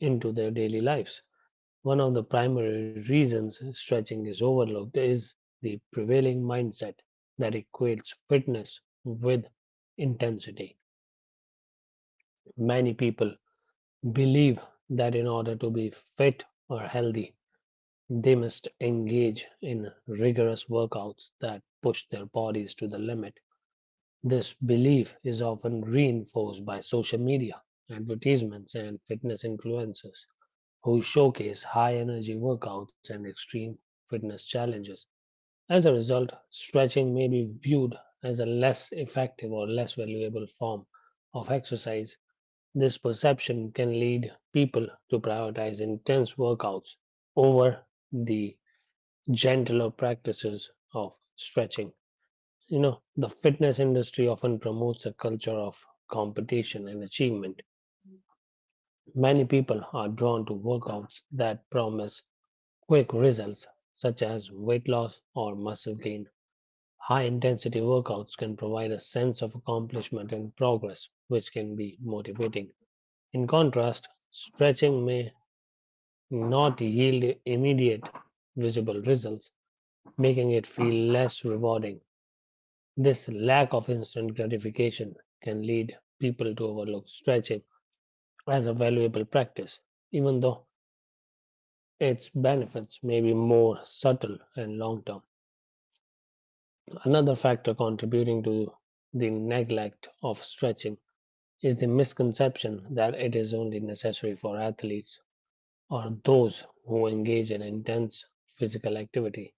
[SPEAKER 3] into their daily lives. One of the primary reasons stretching is overlooked is the prevailing mindset that equates fitness with intensity. Many people believe that in order to be fit or healthy, they must engage in rigorous workouts that push their bodies to the limit. This belief is often reinforced by social media, advertisements, and fitness influencers who showcase high energy workouts and extreme fitness challenges. As a result, stretching may be viewed as a less effective or less valuable form of exercise. This perception can lead people to prioritize intense workouts over the gentler practices of stretching. You know, the fitness industry often promotes a culture of competition and achievement. Many people are drawn to workouts that promise quick results, such as weight loss or muscle gain. High intensity workouts can provide a sense of accomplishment and progress, which can be motivating. In contrast, stretching may not yield immediate visible results, making it feel less rewarding. This lack of instant gratification can lead people to overlook stretching as a valuable practice, even though its benefits may be more subtle and long term. Another factor contributing to the neglect of stretching is the misconception that it is only necessary for athletes or those who engage in intense physical activity.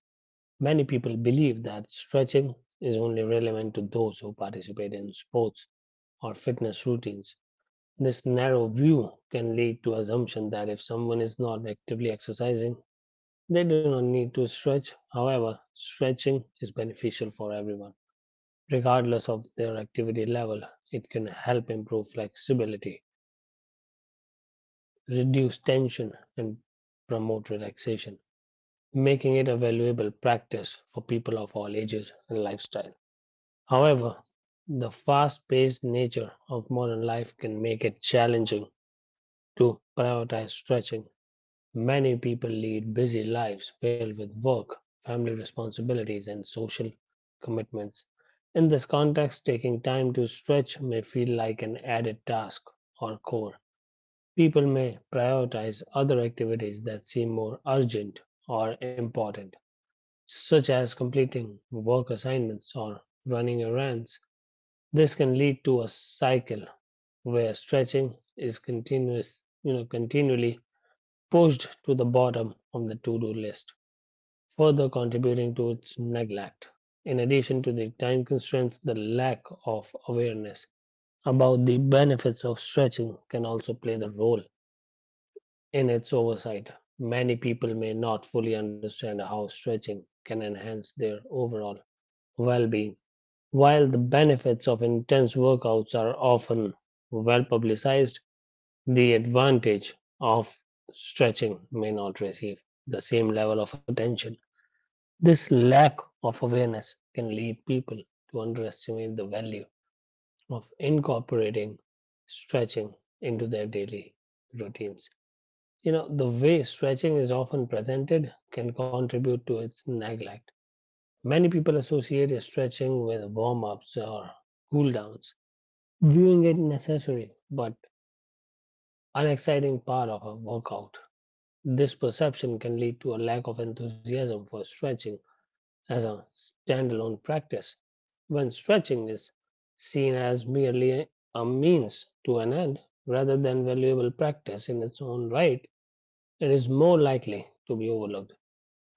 [SPEAKER 3] Many people believe that stretching is only relevant to those who participate in sports or fitness routines. This narrow view can lead to assumption that if someone is not actively exercising, they do not need to stretch. However, stretching is beneficial for everyone regardless of their activity level. It can help improve flexibility, reduce tension, and promote relaxation, making it a valuable practice for people of all ages and lifestyle. However, the fast paced nature of modern life can make it challenging to prioritize stretching. Many people lead busy lives filled with work, family responsibilities, and social commitments. In this context, taking time to stretch may feel like an added task or chore. People may prioritize other activities that seem more urgent or important, such as completing work assignments or running errands. This can lead to a cycle where stretching is continually pushed to the bottom of the to-do list, further contributing to its neglect. In addition to the time constraints, the lack of awareness about the benefits of stretching can also play the role in its oversight. Many people may not fully understand how stretching can enhance their overall well being. While the benefits of intense workouts are often well publicized, the advantage of stretching may not receive the same level of attention. This lack of awareness can lead people to underestimate the value of incorporating stretching into their daily routines. You know, the way stretching is often presented can contribute to its neglect. Many people associate stretching with warm ups or cool downs, viewing it necessary but unexciting part of a workout. This perception can lead to a lack of enthusiasm for stretching as a standalone practice. When stretching is seen as merely a means to an end rather than valuable practice in its own right, it is more likely to be overlooked.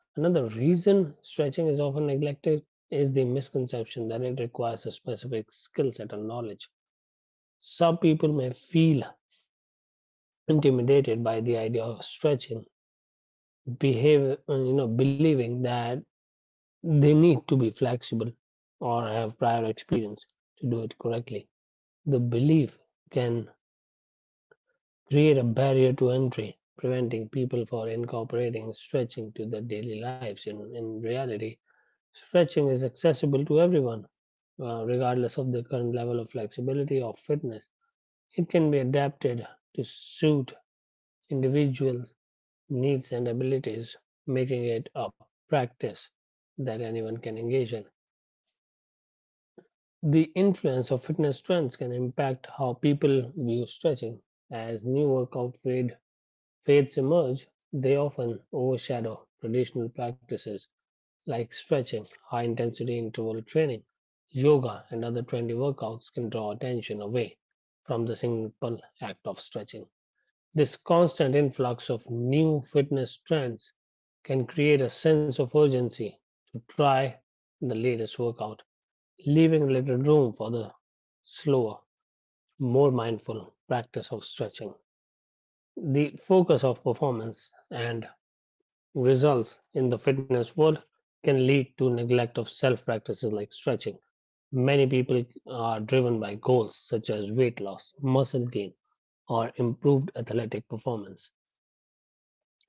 [SPEAKER 3] Another reason stretching is often neglected is the misconception that it requires a specific skill set or knowledge. Some people may feel intimidated by the idea of stretching, believing that they need to be flexible or have prior experience to do it correctly. The belief can create a barrier to entry, preventing people from incorporating stretching to their daily lives. In reality, stretching is accessible to everyone, regardless of their current level of flexibility or fitness. It can be adapted to suit individuals' needs and abilities, making it a practice that anyone can engage in. The influence of fitness trends can impact how people view stretching. As new fads emerge, they often overshadow traditional practices like stretching. High intensity interval training, yoga, and other trendy workouts can draw attention away from the simple act of stretching. This constant influx of new fitness trends can create a sense of urgency to try the latest workout, leaving little room for the slower, more mindful practice of stretching. The focus of performance and results in the fitness world can lead to neglect of self practices like stretching. Many people are driven by goals such as weight loss, muscle gain, or improved athletic performance.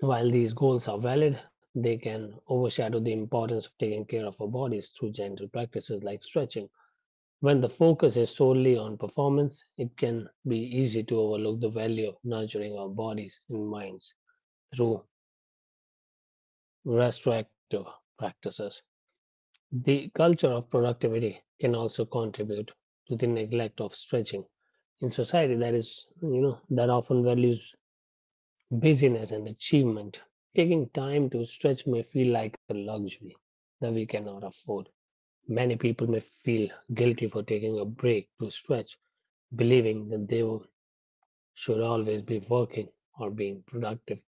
[SPEAKER 3] While these goals are valid, they can overshadow the importance of taking care of our bodies through gentle practices like stretching. When the focus is solely on performance, it can be easy to overlook the value of nurturing our bodies and minds through restorative practices. The culture of productivity can also contribute to the neglect of stretching in society that that often values busyness and achievement. Taking time to stretch may feel like a luxury that we cannot afford. Many people may feel guilty for taking a break to stretch, believing that they will should always be working or being productive.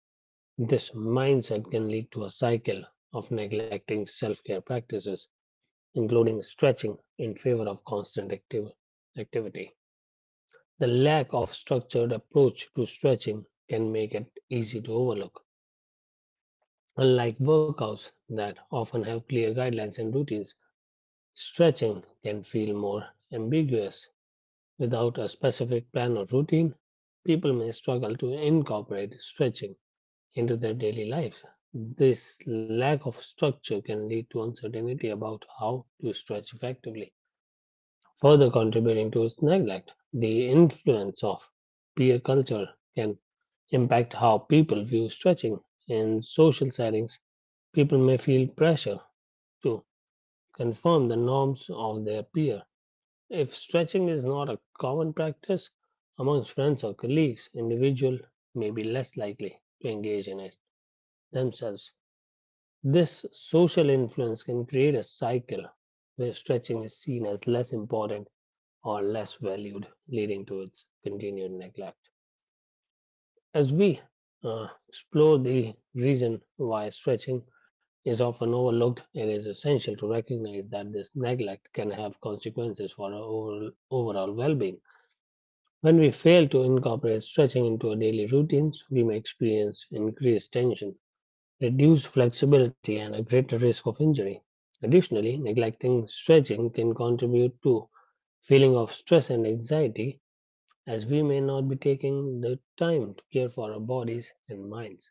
[SPEAKER 3] This mindset can lead to a cycle of neglecting self care practices, including stretching, in favor of constant activity. The lack of structured approach to stretching can make it easy to overlook. Unlike workouts that often have clear guidelines and routines, stretching can feel more ambiguous. Without a specific plan or routine, people may struggle to incorporate stretching into their daily lives. This lack of structure can lead to uncertainty about how to stretch effectively, further contributing to its neglect. The influence of peer culture can impact how people view stretching. In social settings, people may feel pressure to conform the norms of their peer. If stretching is not a common practice amongst friends or colleagues, individuals may be less likely to engage in it themselves. This social influence can create a cycle where stretching is seen as less important or less valued, leading to its continued neglect. As we explore the reason why stretching is often overlooked, it is essential to recognize that this neglect can have consequences for our overall well being. When we fail to incorporate stretching into our daily routines, we may experience increased tension, reduced flexibility, and a greater risk of injury. Additionally, neglecting stretching can contribute to feeling of stress and anxiety, as we may not be taking the time to care for our bodies and minds.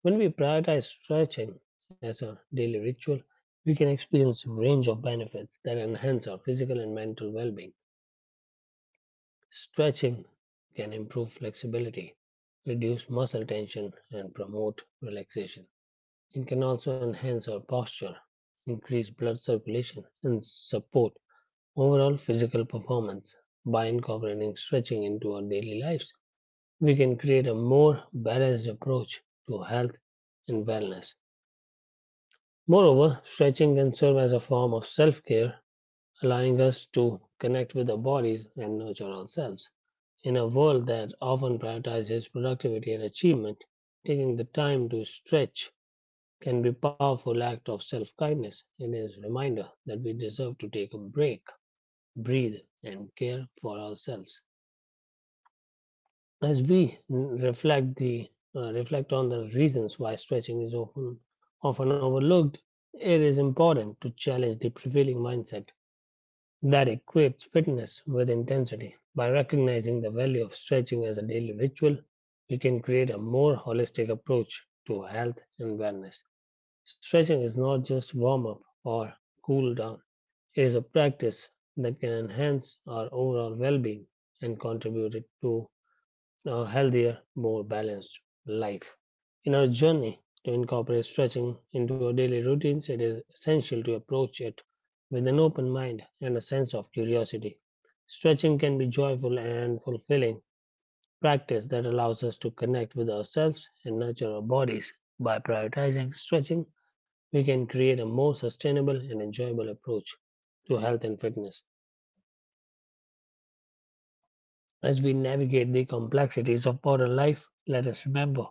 [SPEAKER 3] When we prioritize stretching as a daily ritual, we can experience a range of benefits that enhance our physical and mental well-being. Stretching can improve flexibility, reduce muscle tension, and promote relaxation. It can also enhance our posture, increase blood circulation, and support overall physical performance. By incorporating stretching into our daily lives, we can create a more balanced approach to health and wellness. Moreover, stretching can serve as a form of self care, allowing us to connect with our bodies and nurture ourselves. In a world that often prioritizes productivity and achievement, taking the time to stretch can be a powerful act of self-kindness. It is a reminder that we deserve to take a break, breathe, and care for ourselves. As we reflect the reflect on the reasons why stretching is often overlooked, it is important to challenge the prevailing mindset that equates fitness with intensity. By recognizing the value of stretching as a daily ritual, we can create a more holistic approach to health and wellness. Stretching is not just warm up or cool down, it is a practice that can enhance our overall well being and contribute to a healthier, more balanced life. In our journey to incorporate stretching into our daily routines, it is essential to approach it with an open mind and a sense of curiosity. Stretching can be joyful and fulfilling practice that allows us to connect with ourselves and nurture our bodies. By prioritizing stretching, we can create a more sustainable and enjoyable approach to health and fitness. As we navigate the complexities of modern life, let us remember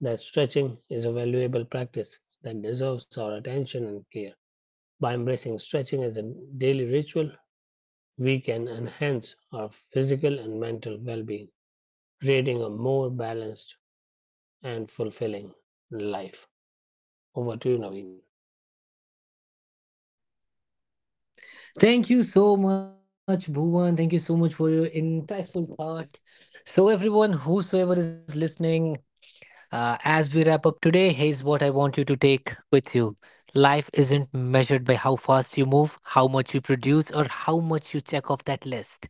[SPEAKER 3] that stretching is a valuable practice that deserves our attention and care. By embracing stretching as a daily ritual, we can enhance our physical and mental well being, creating a more balanced and fulfilling life. Overtrain à?
[SPEAKER 1] Thank you so much, Bhuvan. Thank you so much for your insightful thought. So everyone whosoever is listening, as we wrap up today, here's what I want you to take with you. Life isn't measured by how fast you move, how much you produce, or how much you check off that list.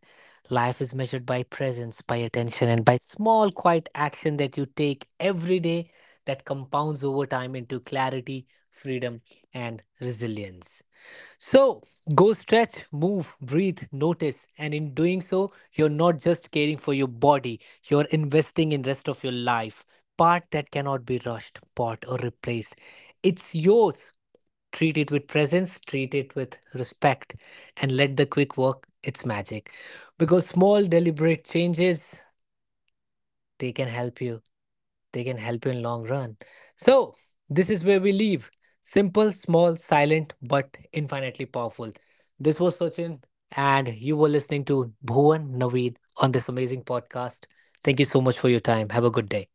[SPEAKER 1] Life is measured by presence, by attention, and by small, quiet action that you take every day that compounds over time into clarity, freedom, and resilience. So go stretch, move, breathe, notice, and in doing so, you're not just caring for your body, you're investing in rest of your life. Part that cannot be rushed, bought, or replaced. It's yours. Treat it with presence, treat it with respect, and let the quick work its magic. Because small, deliberate changes, they can help you they can help you in long run. So this is where we leave: simple, small, silent, but infinitely powerful. This was Sachin, and you were listening to Bhuvan, Naveed, on this amazing podcast. Thank you so much for your time. Have a good day.